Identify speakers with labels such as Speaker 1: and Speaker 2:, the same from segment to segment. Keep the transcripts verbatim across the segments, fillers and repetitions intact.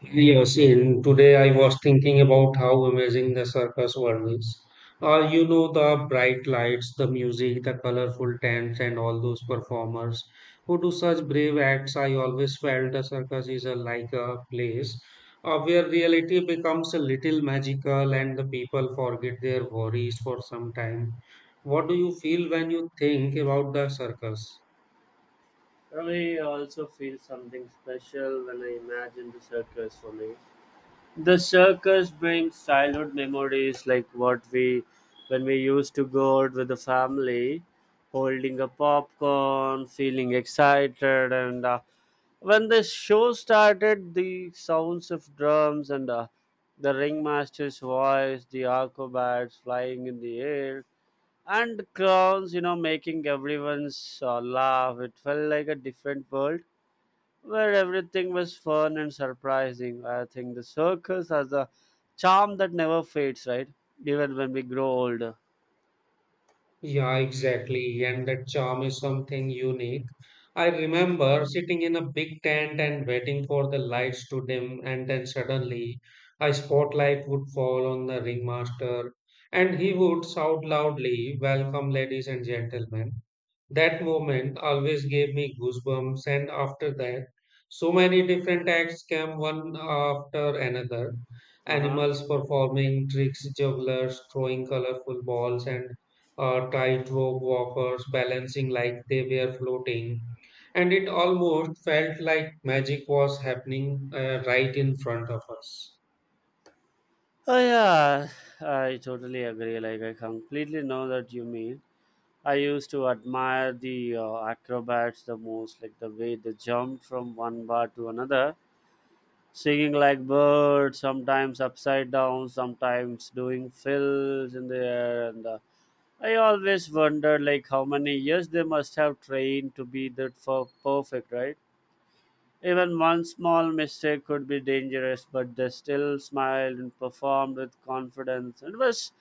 Speaker 1: Yes, and today I was thinking about how amazing the circus world is. Uh, you know, the bright lights, the music, the colorful tents, and all those performers who do such brave acts. I always felt the circus is a, like a place uh, where reality becomes a little magical and the people forget their worries for some time. What do you feel when you think about the circus?
Speaker 2: I also feel something special when I imagine the circus for me. The circus brings childhood memories like what we when we used to go out with the family, holding a popcorn, feeling excited and uh, when the show started the sounds of drums and uh, the ringmaster's voice, the acrobats flying in the air and clowns, you know, making everyone's uh, laugh. It felt like a different world where everything was fun and surprising. I think the circus has a charm that never fades, right? Even when we grow older.
Speaker 1: Yeah, exactly. And that charm is something unique. I remember sitting in a big tent and waiting for the lights to dim, and then suddenly a spotlight would fall on the ringmaster, and he would shout loudly, "Welcome, ladies and gentlemen." That moment always gave me goosebumps, and after that, so many different acts came one after another.
Speaker 2: Uh huh.
Speaker 1: Animals performing tricks, jugglers throwing colorful balls, and uh, tightrope walkers balancing like they were floating. And it almost felt like magic was happening uh, right in front of us.
Speaker 2: Oh yeah, I totally agree. Like I completely know that you mean. I used to admire the uh, acrobats the most, like the way they jumped from one bar to another, singing like birds, sometimes upside down, sometimes doing fills in the air, and uh, I always wonder like how many years they must have trained to be that for perfect, right? Even one small mistake could be dangerous, but they still smiled and performed with confidence. It was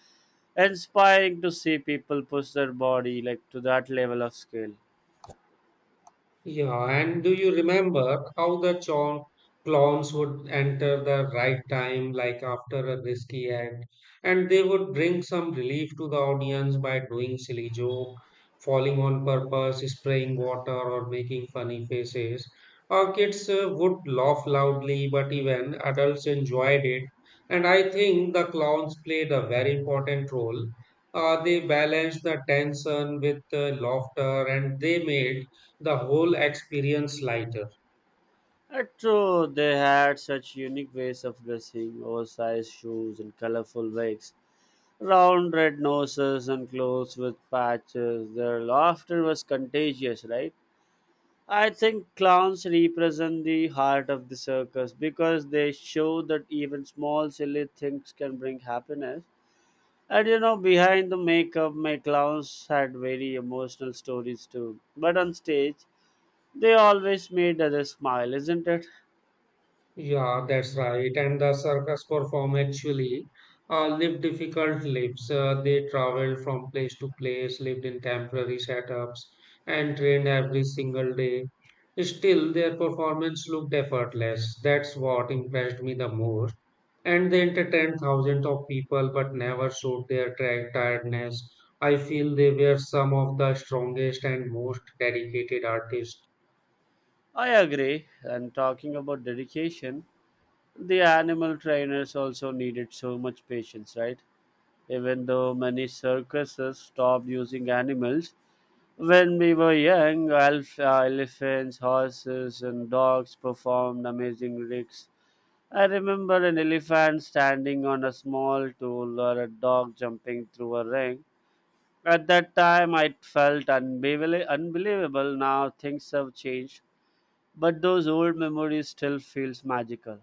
Speaker 2: inspiring to see people push their body like to that level of skill.
Speaker 1: Yeah, and do you remember how the chon- clowns would enter the right time, like after a risky act, and they would bring some relief to the audience by doing silly joke, falling on purpose, spraying water, or making funny faces. Our kids uh, would laugh loudly, but even adults enjoyed it. And I think the clowns played a very important role. Uh, they balanced the tension with uh, laughter, and they made the whole experience lighter.
Speaker 2: And true, they had such unique ways of dressing, oversized shoes and colorful wigs, round red noses and clothes with patches. Their laughter was contagious, right? I think clowns represent the heart of the circus because they show that even small silly things can bring happiness. And you know, behind the makeup, my clowns had very emotional stories too. But on stage, they always made others smile, isn't it?
Speaker 1: Yeah, that's right. And the circus perform actually uh, lived difficult lives. Uh, they traveled from place to place, lived in temporary setups, and trained every single day. Still, their performance looked effortless. That's what impressed me the most. And they entertained thousands of people but never showed their tra- tiredness. I feel they were some of the strongest and most dedicated artists.
Speaker 2: I agree. And talking about dedication, the animal trainers also needed so much patience, right? Even though many circuses stopped using animals, when we were young, elf, uh, elephants, horses, and dogs performed amazing tricks. I remember an elephant standing on a small tool or a dog jumping through a ring. At that time, I felt unbelie- unbelievable. Now things have changed, but those old memories still feels magical.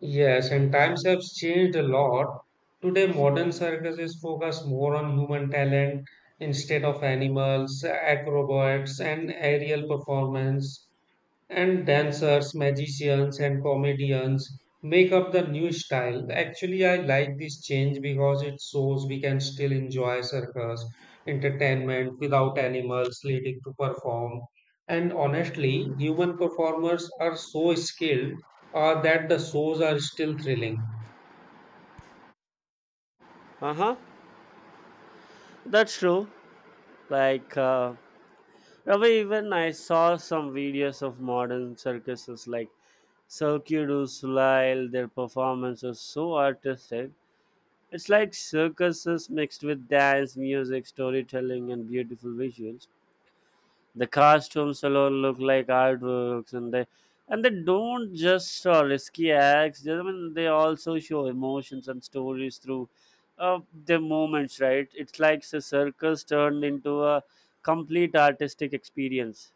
Speaker 1: Yes, and times have changed a lot. Today, modern circuses focus more on human talent instead of animals, acrobats, and aerial performance. And dancers, magicians, and comedians make up the new style. Actually, I like this change because it shows we can still enjoy circus entertainment without animals needing to perform. And honestly, human performers are so skilled uh, that the shows are still thrilling.
Speaker 2: Uh huh. That's true. Like uh, However, even I saw some videos of modern circuses like Cirque du Soleil. Their performance was so artistic. It's like circuses mixed with dance, music, storytelling, and beautiful visuals. The costumes alone look like artworks, and they and they don't just uh, risky acts. I mean, they also show emotions and stories through uh, their movements. Right? It's like the circus turned into a complete artistic experience.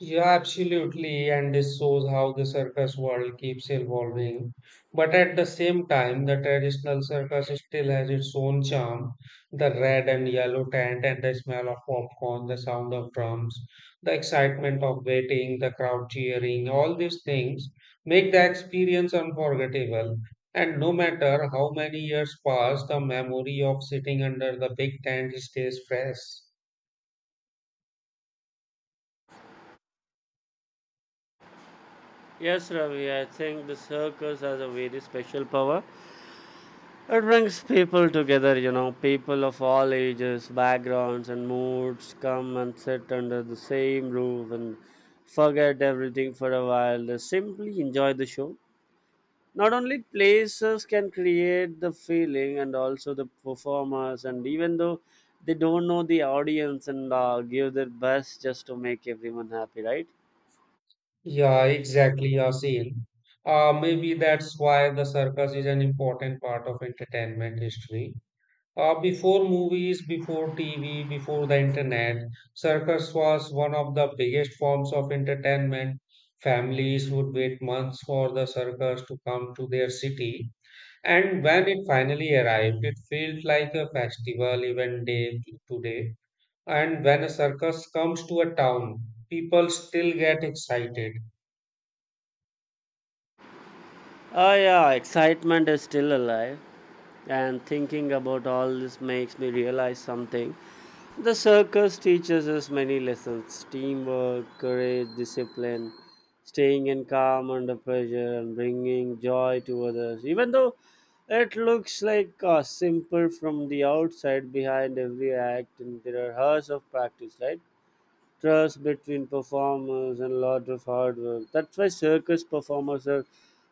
Speaker 1: Yeah, absolutely. And this shows how the circus world keeps evolving. But at the same time, the traditional circus still has its own charm. The red and yellow tent and the smell of popcorn, the sound of drums, the excitement of waiting, the crowd cheering, all these things make the experience unforgettable. And no matter how many years pass, the memory of sitting under the big tent stays fresh.
Speaker 2: Yes, Ravi, I think the circus has a very special power. It brings people together, you know, people of all ages, backgrounds, and moods come and sit under the same roof and forget everything for a while. They simply enjoy the show. Not only places can create the feeling and also the performers, and even though they don't know the audience and uh, give their best just to make everyone happy, right?
Speaker 1: Yeah, exactly, Yasin. Uh, maybe that's why the circus is an important part of entertainment history. Uh, before movies, before T V, before the internet, circus was one of the biggest forms of entertainment. Families would wait months for the circus to come to their city, and when it finally arrived, it felt like a festival even day to day. And when a circus comes to a town, people still get excited.
Speaker 2: Oh, yeah, excitement is still alive. And thinking about all this makes me realize something: the circus teaches us many lessons, teamwork, courage, discipline, staying in calm under pressure and bringing joy to others. Even though it looks like uh, simple from the outside, behind every act and there are hours of practice, right? Trust between performers and lot of hard work. That's why circus performers are,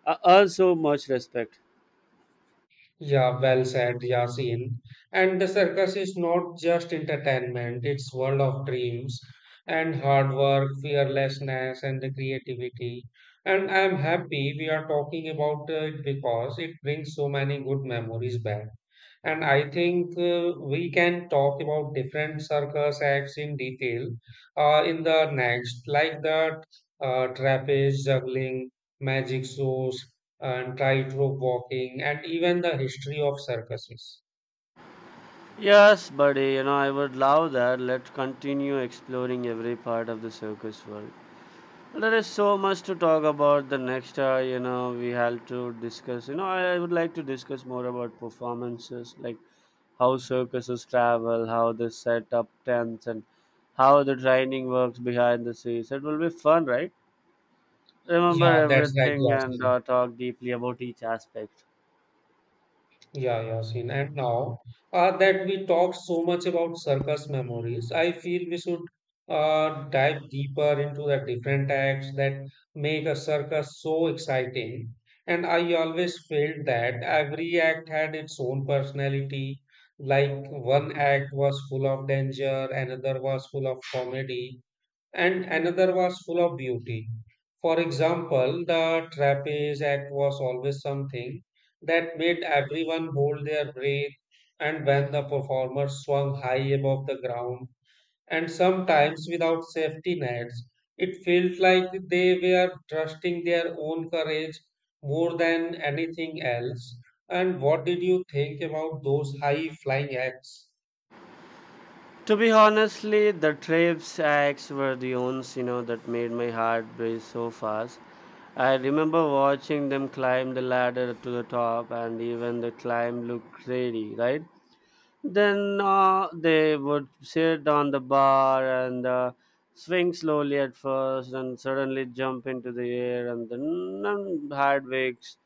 Speaker 2: are earn so much respect.
Speaker 1: Yeah, well said, Yasin. And the circus is not just entertainment, it's world of dreams and hard work, fearlessness, and the creativity. And I'm happy we are talking about it because it brings so many good memories back. And I think uh, we can talk about different circus acts in detail uh, in the next, like the uh, trapeze juggling, magic shows, and tightrope walking, and even the history of circuses.
Speaker 2: Yes, buddy, you know, I would love that. Let's continue exploring every part of the circus world. There is so much to talk about the next hour, you know, we have to discuss. You know, I, I would like to discuss more about performances, like how circuses travel, how they set up tents, and how the training works behind the scenes. It will be fun, right? Remember
Speaker 1: Yeah, that's right,
Speaker 2: everything and
Speaker 1: Yasin.
Speaker 2: uh, talk deeply about each aspect.
Speaker 1: Yeah, yeah, Yasin. And now uh, that we talked so much about circus memories, I feel we should uh, dive deeper into the different acts that make a circus so exciting. And I always felt that every act had its own personality. Like one act was full of danger, another was full of comedy, and another was full of beauty. For example, the trapeze act was always something that made everyone hold their breath, and when the performer swung high above the ground, and sometimes without safety nets, it felt like they were trusting their own courage more than anything else. And what did you think about those high flying acts?
Speaker 2: To be honestly, the trips acts were the ones you know that made my heart race so fast. I remember watching them climb the ladder to the top, and even the climb looked crazy, right? Then uh, they would sit on the bar and uh, swing slowly at first, and suddenly jump into the air, and then and had wakes.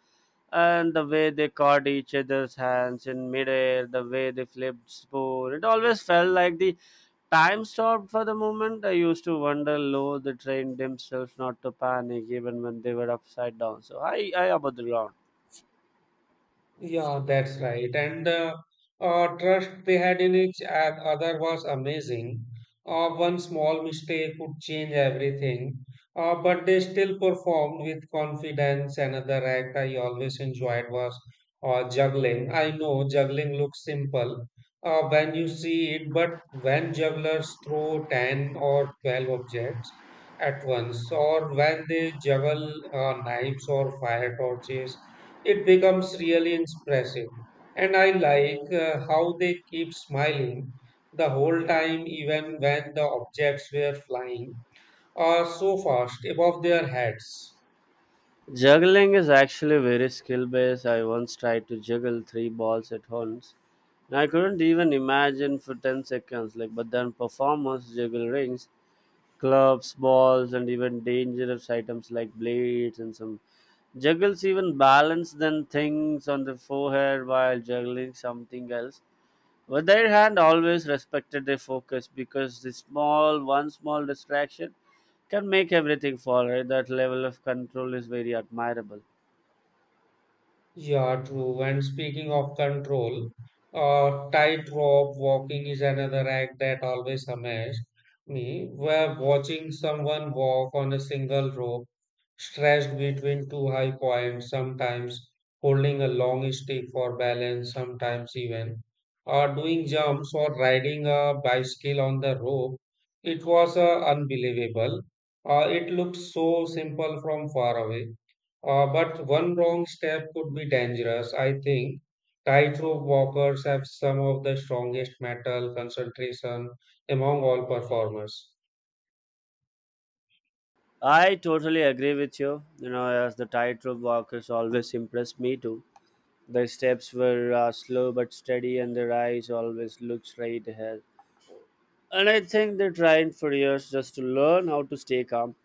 Speaker 2: And the way they caught each other's hands in midair, the way they flipped spoon, it always felt like the time stopped for the moment. I used to wonder, low, they trained themselves not to panic even when they were upside down. So I, I about the ground.
Speaker 1: Yeah, that's right. And the uh, trust they had in each and other was amazing. Uh, one small mistake could change everything, uh, but they still performed with confidence. Another act I always enjoyed was uh, juggling. I know juggling looks simple uh, when you see it, but when jugglers throw ten or twelve objects at once, or when they juggle uh, knives or fire torches, it becomes really impressive. And I like uh, how they keep smiling the whole time, even when the objects were flying or so fast above their heads.
Speaker 2: Juggling is actually very skill based. I once tried to juggle three balls at once. And I couldn't even imagine for ten seconds. Like, but then performers juggle rings, clubs, balls, and even dangerous items like blades and some juggles even balance then things on the forehead while juggling something else. With their hand always respected their focus because the small one small distraction can make everything fall right. That level of control is very admirable.
Speaker 1: Yeah, true. And speaking of control, uh, tightrope walking is another act that always amazed me, where watching someone walk on a single rope, stretched between two high points, sometimes holding a long stick for balance, sometimes even uh, doing jumps or riding a bicycle on the rope. It was uh, unbelievable. Uh, it looked so simple from far away uh, but one wrong step could be dangerous. I think tightrope walkers have some of the strongest metal concentration among all performers.
Speaker 2: I totally agree with you. You know, as the tightrope walkers always impressed me too. Their steps were uh, slow but steady, and their eyes always looked straight ahead. And I think they tried for years just to learn how to stay calm.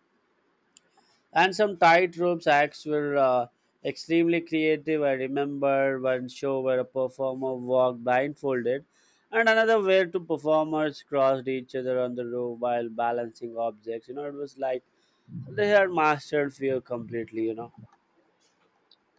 Speaker 2: And some tightrope acts were uh, extremely creative. I remember one show where a performer walked blindfolded, and another where two performers crossed each other on the rope while balancing objects. You know, it was like they had mastered fear completely. You know.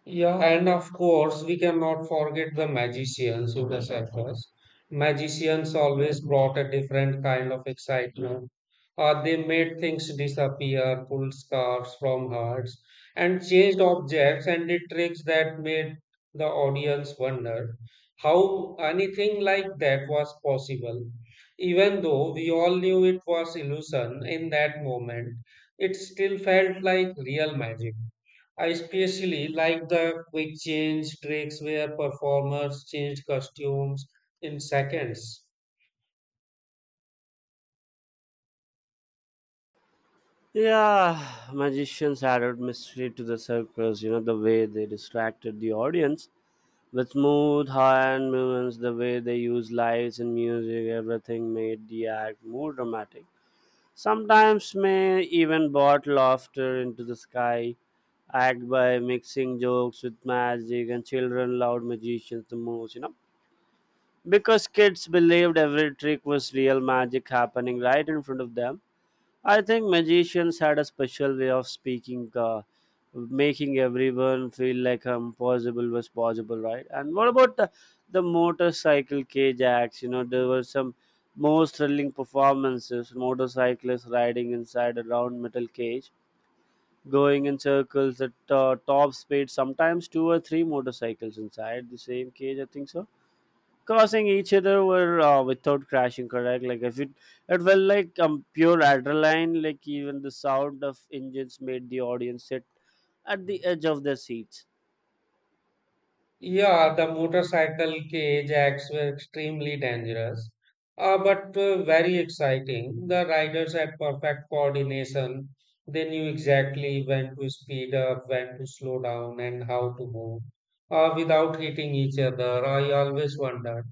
Speaker 1: Yeah, and of course, we cannot forget the magicians who the circus. Magicians always brought a different kind of excitement. Uh, they made things disappear, pulled scarves from hearts, and changed objects and did tricks that made the audience wonder how anything like that was possible. Even though we all knew it was illusion in that moment, it still felt like real magic. I especially like the quick change tricks where performers changed costumes in seconds.
Speaker 2: Yeah, magicians added mystery to the circus, you know, the way they distracted the audience with smooth hand movements, the way they used lights and music, everything made the act more dramatic. Sometimes may even brought laughter into the sky, act by mixing jokes with magic, and children loved magicians the most, you know. Because kids believed every trick was real magic happening right in front of them. I think magicians had a special way of speaking, uh, making everyone feel like impossible was possible, right? And what about the, the motorcycle cage acts? You know, there were some most thrilling performances, motorcyclists riding inside a round metal cage, going in circles at uh, top speed, sometimes two or three motorcycles inside the same cage, I think so, crossing each other were uh, without crashing, correct? Like if it it felt like um, pure adrenaline, like even the sound of engines made the audience sit at the edge of their seats.
Speaker 1: Yeah, the motorcycle cage acts were extremely dangerous, uh, but uh, very exciting. The riders had perfect coordination. They knew exactly when to speed up, when to slow down, and how to move uh, without hitting each other. I always wondered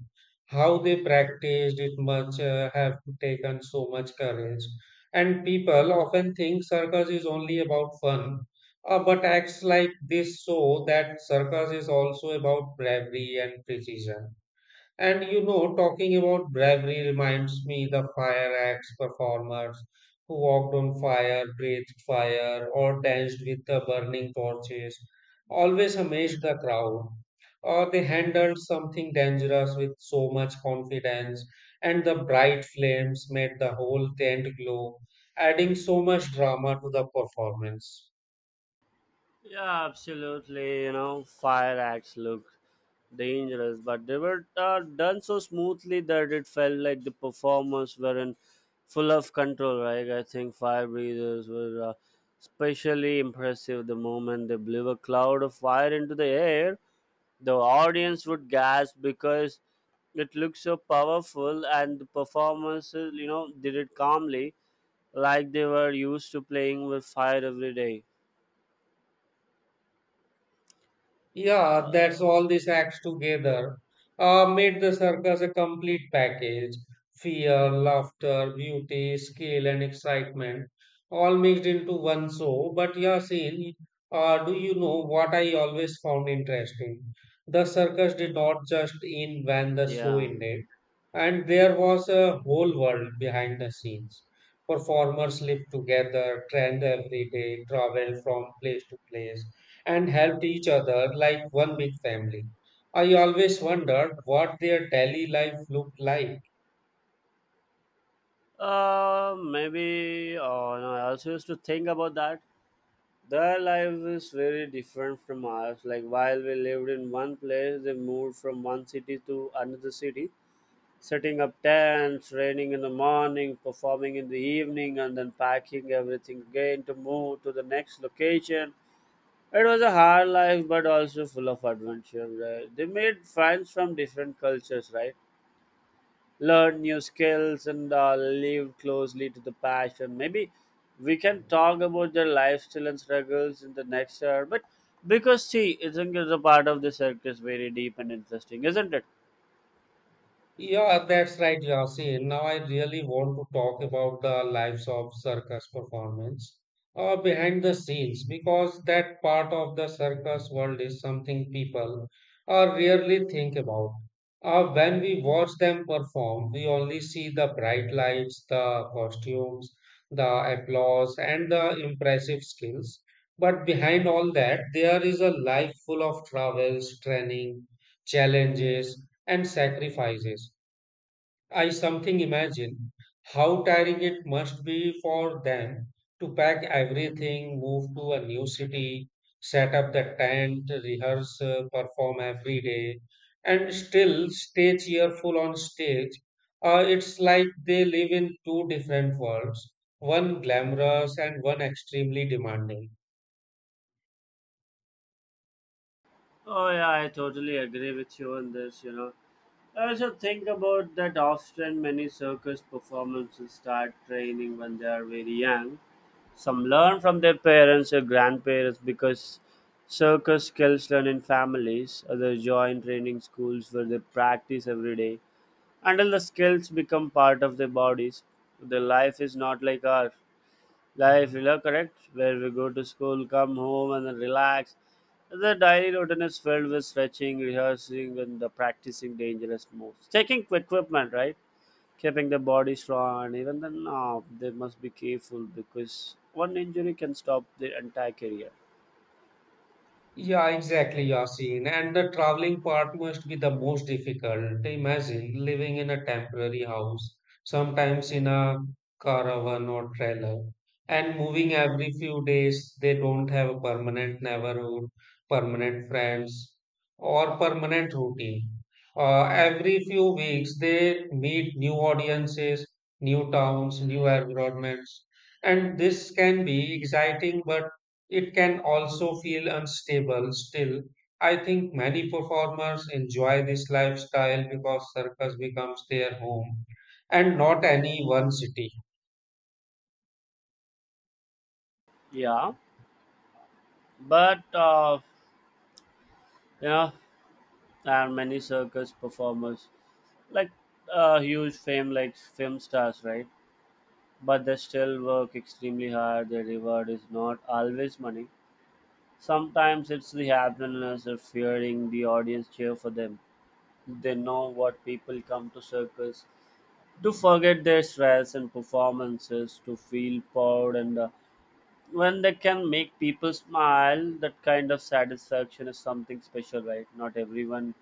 Speaker 1: how they practiced it much, uh, have taken so much courage. And people often think circus is only about fun, uh, but acts like this show that circus is also about bravery and precision. And you know, talking about bravery reminds me the fire acts performers who walked on fire, breathed fire, or danced with the burning torches, always amazed the crowd. Or they handled something dangerous with so much confidence, and the bright flames made the whole tent glow, adding so much drama to the performance.
Speaker 2: Yeah, absolutely. You know, fire acts look dangerous, but they were uh, done so smoothly that it felt like the performers were in full of control. Right? I think fire breathers were uh, especially impressive. The moment they blew a cloud of fire into the air, the audience would gasp because it looked so powerful, and the performers, uh, you know, did it calmly, like they were used to playing with fire every day. Uh,
Speaker 1: Yeah, that's all these acts together uh, made the circus a complete package. Fear, laughter, beauty, skill, and excitement all mixed into one show. But Yasin, uh, do you know what I always found interesting? The circus did not just end when the show
Speaker 2: yeah.
Speaker 1: ended, and there was a whole world behind the scenes. Performers lived together, trained every day, traveled from place to place and helped each other like one big family. I always wondered what their daily life looked like.
Speaker 2: Uh, maybe uh, no, I also used to think about that. Their life is very different from ours. Like while we lived in one place, they moved from one city to another city, setting up tents, raining in the morning, performing in the evening, and then packing everything again to move to the next location. It was a hard life, but also full of adventure. Right? They made friends from different cultures, right? Learn new skills and uh, live closely to the passion. Maybe we can talk about their lifestyle and struggles in the next hour. But because see, I think it's a part of the circus very deep and interesting, isn't it?
Speaker 1: Yeah, that's right, Yasin. Now I really want to talk about the lives of circus performance uh, behind the scenes because that part of the circus world is something people uh, rarely think about. Uh, when we watch them perform, we only see the bright lights, the costumes, the applause, and the impressive skills. But behind all that, there is a life full of troubles, training, challenges and sacrifices. I something imagine how tiring it must be for them to pack everything, move to a new city, set up the tent, rehearse, uh, perform every day, and still stay cheerful on stage. Uh, it's like they live in two different worlds, one glamorous and one extremely demanding.
Speaker 2: Oh yeah, I totally agree with you on this, you know. I also think about that often. Many circus performances start training when they are very young. Some learn from their parents or grandparents because circus skills learn in families. Others join training schools where they practice every day until the skills become part of their bodies. Their life is not like ours life, you know, correct? Where we go to school, come home, and then relax. The daily routine is filled with stretching, rehearsing, and the practicing dangerous moves. Taking equipment, right? Keeping the body strong, and even then, no, they must be careful because one injury can stop their entire career.
Speaker 1: Yeah, exactly, Yasin. And the traveling part must be the most difficult. Imagine living in a temporary house, sometimes in a caravan or trailer, and moving every few days. They don't have a permanent neighborhood, permanent friends, or permanent routine. Uh, every few weeks, they meet new audiences, new towns, new environments, and this can be exciting but it can also feel unstable. Still, I think many performers enjoy this lifestyle because circus becomes their home and not any one city.
Speaker 2: Yeah, but uh, you know, there are many circus performers like uh, huge fame, like film stars, right? But they still work extremely hard. Their reward is not always money. Sometimes it's the happiness of hearing the audience cheer for them. They know what people come to circus to forget their stress and performances, to feel proud, and uh, when they can make people smile, that kind of satisfaction is something special, right? Not everyone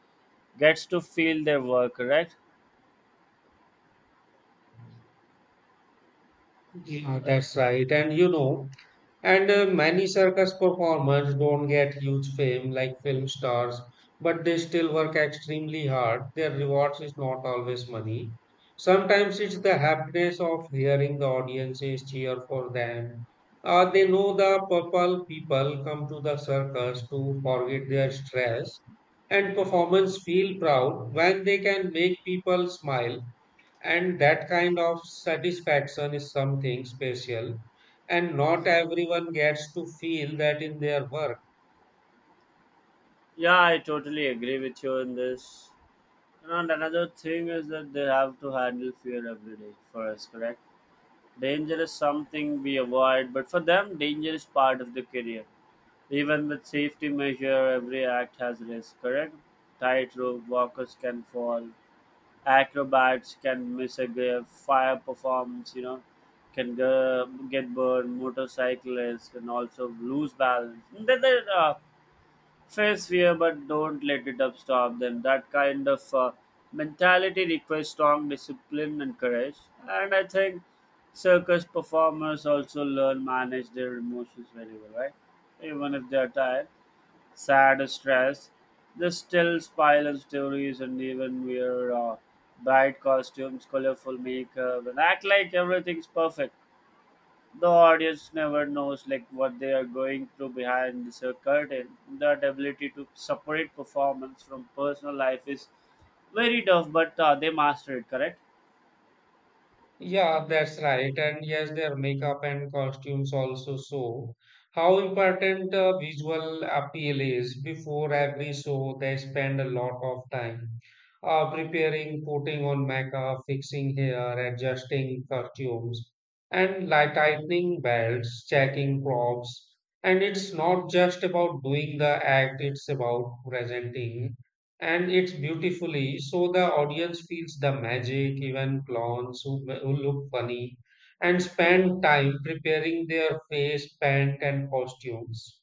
Speaker 2: gets to feel their work, right?
Speaker 1: Yeah, that's right. And you know, And uh, many circus performers don't get huge fame like film stars, but they still work extremely hard. Their rewards is not always money. Sometimes it's the happiness of hearing the audiences cheer for them. Uh, they know the purple people come to the circus to forget their stress, and performers feel proud when they can make people smile. And that kind of satisfaction is something special and not everyone gets to feel that in their work.
Speaker 2: Yeah, I totally agree with you in this. And another thing is that they have to handle fear every day for us, correct? Danger is something we avoid, but for them, danger is part of the career. Even with safety measure, every act has risk, correct? Tightrope walkers can fall, acrobats can miss a grave, fire performance, you know, can go, get burned, motorcyclists can also lose balance. There, there, uh, face fear but don't let it up stop them. That kind of uh, mentality requires strong discipline and courage, and I think circus performers also learn manage their emotions very well, right? Even if they are tired, sad or stressed, they still spiral stories and even wear uh, bright costumes, colorful makeup, and act like everything's perfect. The audience never knows like what they are going through behind this uh, curtain. That ability to separate performance from personal life is very tough, but uh, they master it, correct?
Speaker 1: Yeah, that's right. And yes, their makeup and costumes also show how important uh, visual appeal is. Before every show, they spend a lot of time uh, preparing, putting on makeup, fixing hair, adjusting costumes, and like tightening belts, checking props. And it's not just about doing the act, it's about presenting and it's beautifully so the audience feels the magic. Even clowns who, who look funny and spend time preparing their face paint and costumes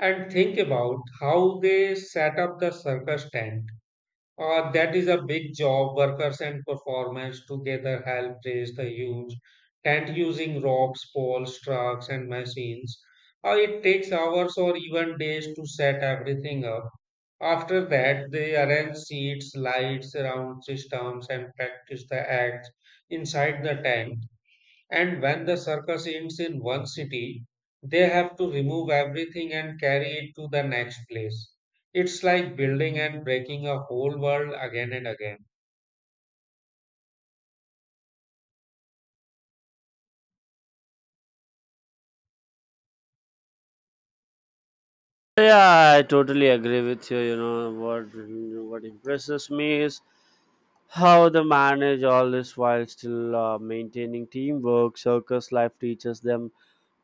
Speaker 1: and think about how they set up the circus tent. Uh, that is a big job. Workers and performers together help raise the huge tent using ropes, poles, trucks and machines. Uh, it takes hours or even days to set everything up. After that, they arrange seats, lights, round systems, and practice the acts inside the tent. And when the circus ends in one city, they have to remove everything and carry it to the next place. It's like building and breaking a whole world again and again.
Speaker 2: Yeah, I totally agree with you. You know what what impresses me is how they manage all this while still uh, maintaining teamwork. Circus life teaches them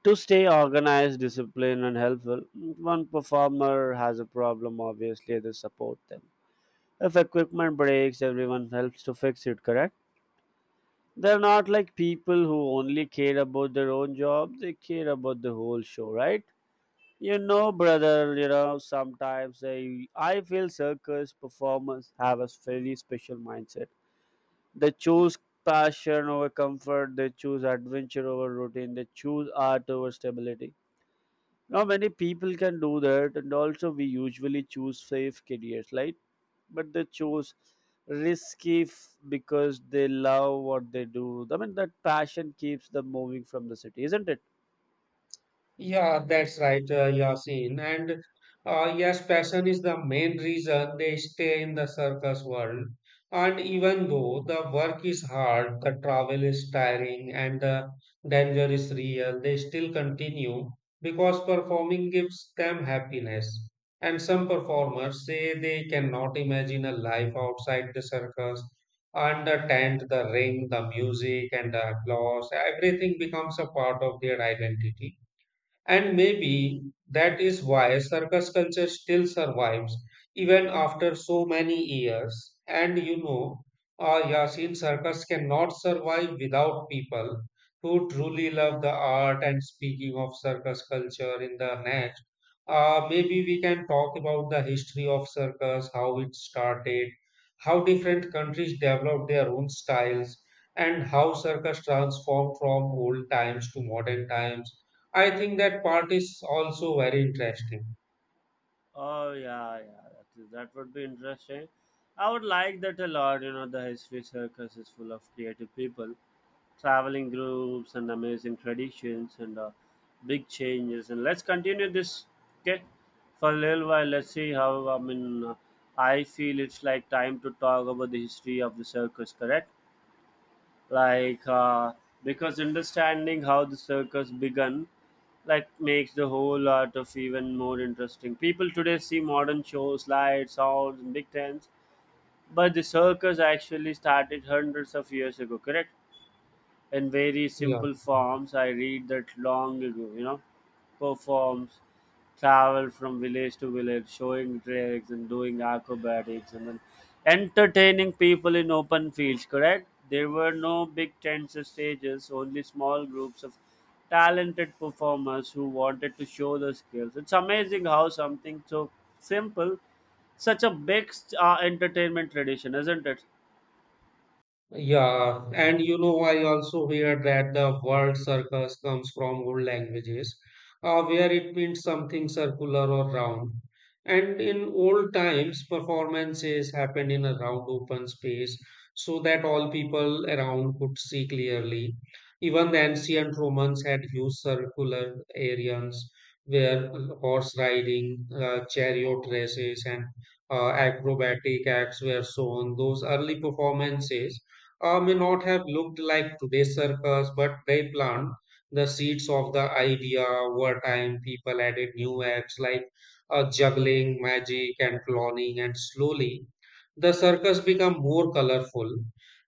Speaker 2: to stay organized, disciplined and helpful. One performer has a problem, obviously they support them. If equipment breaks, everyone helps to fix it, correct? They're not like people who only care about their own job, they care about the whole show, right? You know, brother, you know, sometimes I, I feel circus performers have a very special mindset. They choose passion over comfort, they choose adventure over routine, they choose art over stability. Not many people can do that, and also we usually choose safe careers, right? But they choose risky f- because they love what they do. I mean, that passion keeps them moving from the city, isn't it?
Speaker 1: Yeah, that's right, uh, Yasin. And uh, yes, passion is the main reason they stay in the circus world. And even though the work is hard, the travel is tiring, and the danger is real, they still continue because performing gives them happiness. And some performers say they cannot imagine a life outside the circus. And the tent, the ring, the music, and the applause, everything becomes a part of their identity, and maybe that is why circus culture still survives even after so many years. And you know, uh, Yasin, circus cannot survive without people who truly love the art. And speaking of circus culture in the next, uh, maybe we can talk about the history of circus: how it started, how different countries developed their own styles, and how circus transformed from old times to modern times. I think that part is also very interesting.
Speaker 2: Oh yeah, yeah, that, is, that would be interesting. I would like that a lot. You know, the history circus is full of creative people, traveling groups, and amazing traditions and uh, big changes. And let's continue this, okay, for a little while. Let's see how. I mean, uh, I feel it's like time to talk about the history of the circus. Correct? like uh, because understanding how the circus began like makes the whole art of even more interesting. People today see modern shows, lights, sounds and big tents, but the circus actually started hundreds of years ago, correct? In very
Speaker 1: Yeah.
Speaker 2: simple forms, I read that long ago, you know, performs, travel from village to village, showing tricks and doing acrobatics, and then entertaining people in open fields, correct? There were no big tents or stages, only small groups of talented performers who wanted to show their skills. It's amazing how something so simple, such a big uh, entertainment tradition, isn't it?
Speaker 1: Yeah, and you know, I also hear that the word circus comes from old languages, uh, where it means something circular or round. And in old times, performances happened in a round open space so that all people around could see clearly. Even the ancient Romans had used circular areas where horse riding, uh, chariot races, and uh, acrobatic acts were shown. Those early performances uh, may not have looked like today's circus, but they plant the seeds of the idea. Over time, people added new acts like uh, juggling, magic, and cloning, and slowly the circus became more colorful.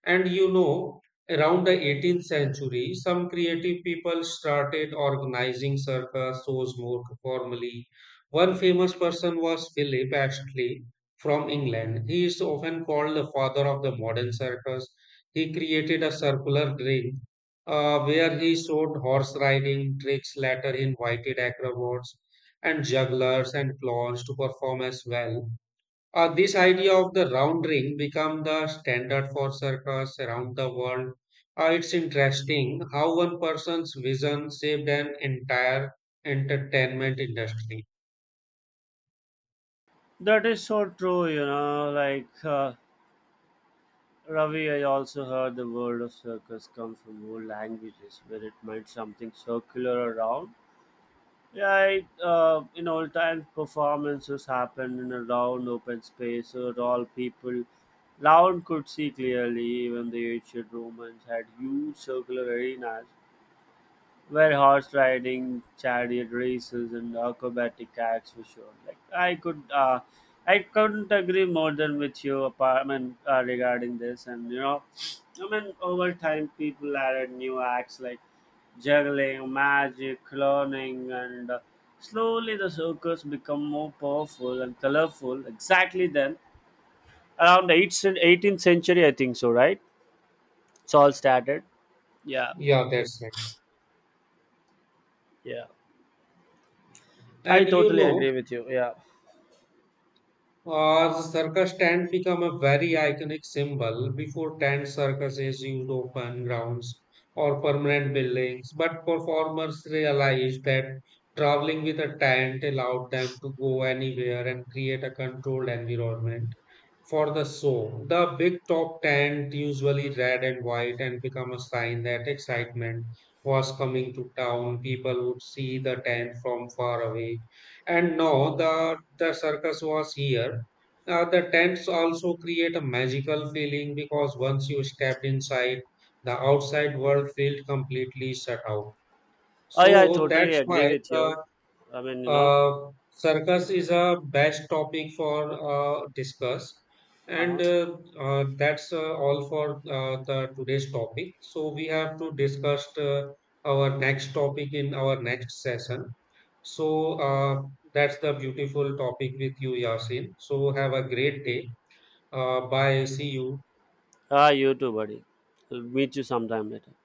Speaker 1: And you know, around the eighteenth century, some creative people started organizing circus shows more formally. One famous person was Philip Astley from England. He is often called the father of the modern circus. He created a circular ring uh, where he showed horse riding tricks. Later, he invited acrobats and jugglers and clowns to perform as well. Uh, this idea of the round ring became the standard for circus around the world. Uh, it's interesting how one person's vision saved an entire entertainment industry.
Speaker 2: That is so true, you know, like. Uh, Ravi, I also heard the word of circus comes from old languages where it meant something circular or round. Yeah, it, uh, in old times, performances happened in a round open space so that all people round could see clearly. Even the ancient Romans had huge circular arenas where horse riding, chariot races, and acrobatic acts were shown. Like I could, uh, I couldn't agree more than with you, apart, I mean, uh, regarding this. And you know, I mean, over time, people added new acts like juggling, magic, cloning, and uh, slowly the circus become more powerful and colorful. Exactly then, around the 8th cen- eighteenth century, I think so. Right? It's all started. Yeah,
Speaker 1: Yeah, that's it.
Speaker 2: yeah. I
Speaker 1: And you
Speaker 2: totally
Speaker 1: know,
Speaker 2: agree with you. Yeah.
Speaker 1: Uh, the circus tent become a very iconic symbol. Before tent, circuses used open grounds or permanent buildings, but performers realized that traveling with a tent allowed them to go anywhere and create a controlled environment. For the soul, the big top tent, usually red and white, and become a sign that excitement was coming to town. People would see the tent from far away and know the, the circus was here. Uh, the tents also create a magical feeling because once you stepped inside, the outside world felt completely shut out.
Speaker 2: Oh yeah, I
Speaker 1: So
Speaker 2: totally
Speaker 1: that's
Speaker 2: agree
Speaker 1: why
Speaker 2: with
Speaker 1: the
Speaker 2: you. I mean, you know,
Speaker 1: uh, circus is a best topic for uh, discuss, and
Speaker 2: uh-huh.
Speaker 1: uh, uh, that's uh, all for uh, the today's topic. So we have to discuss uh, our next topic in our next session. So uh, that's the beautiful topic with you, Yasin. So have a great day. Uh, bye. See you.
Speaker 2: Ah, you too, buddy. I'll meet you sometime later.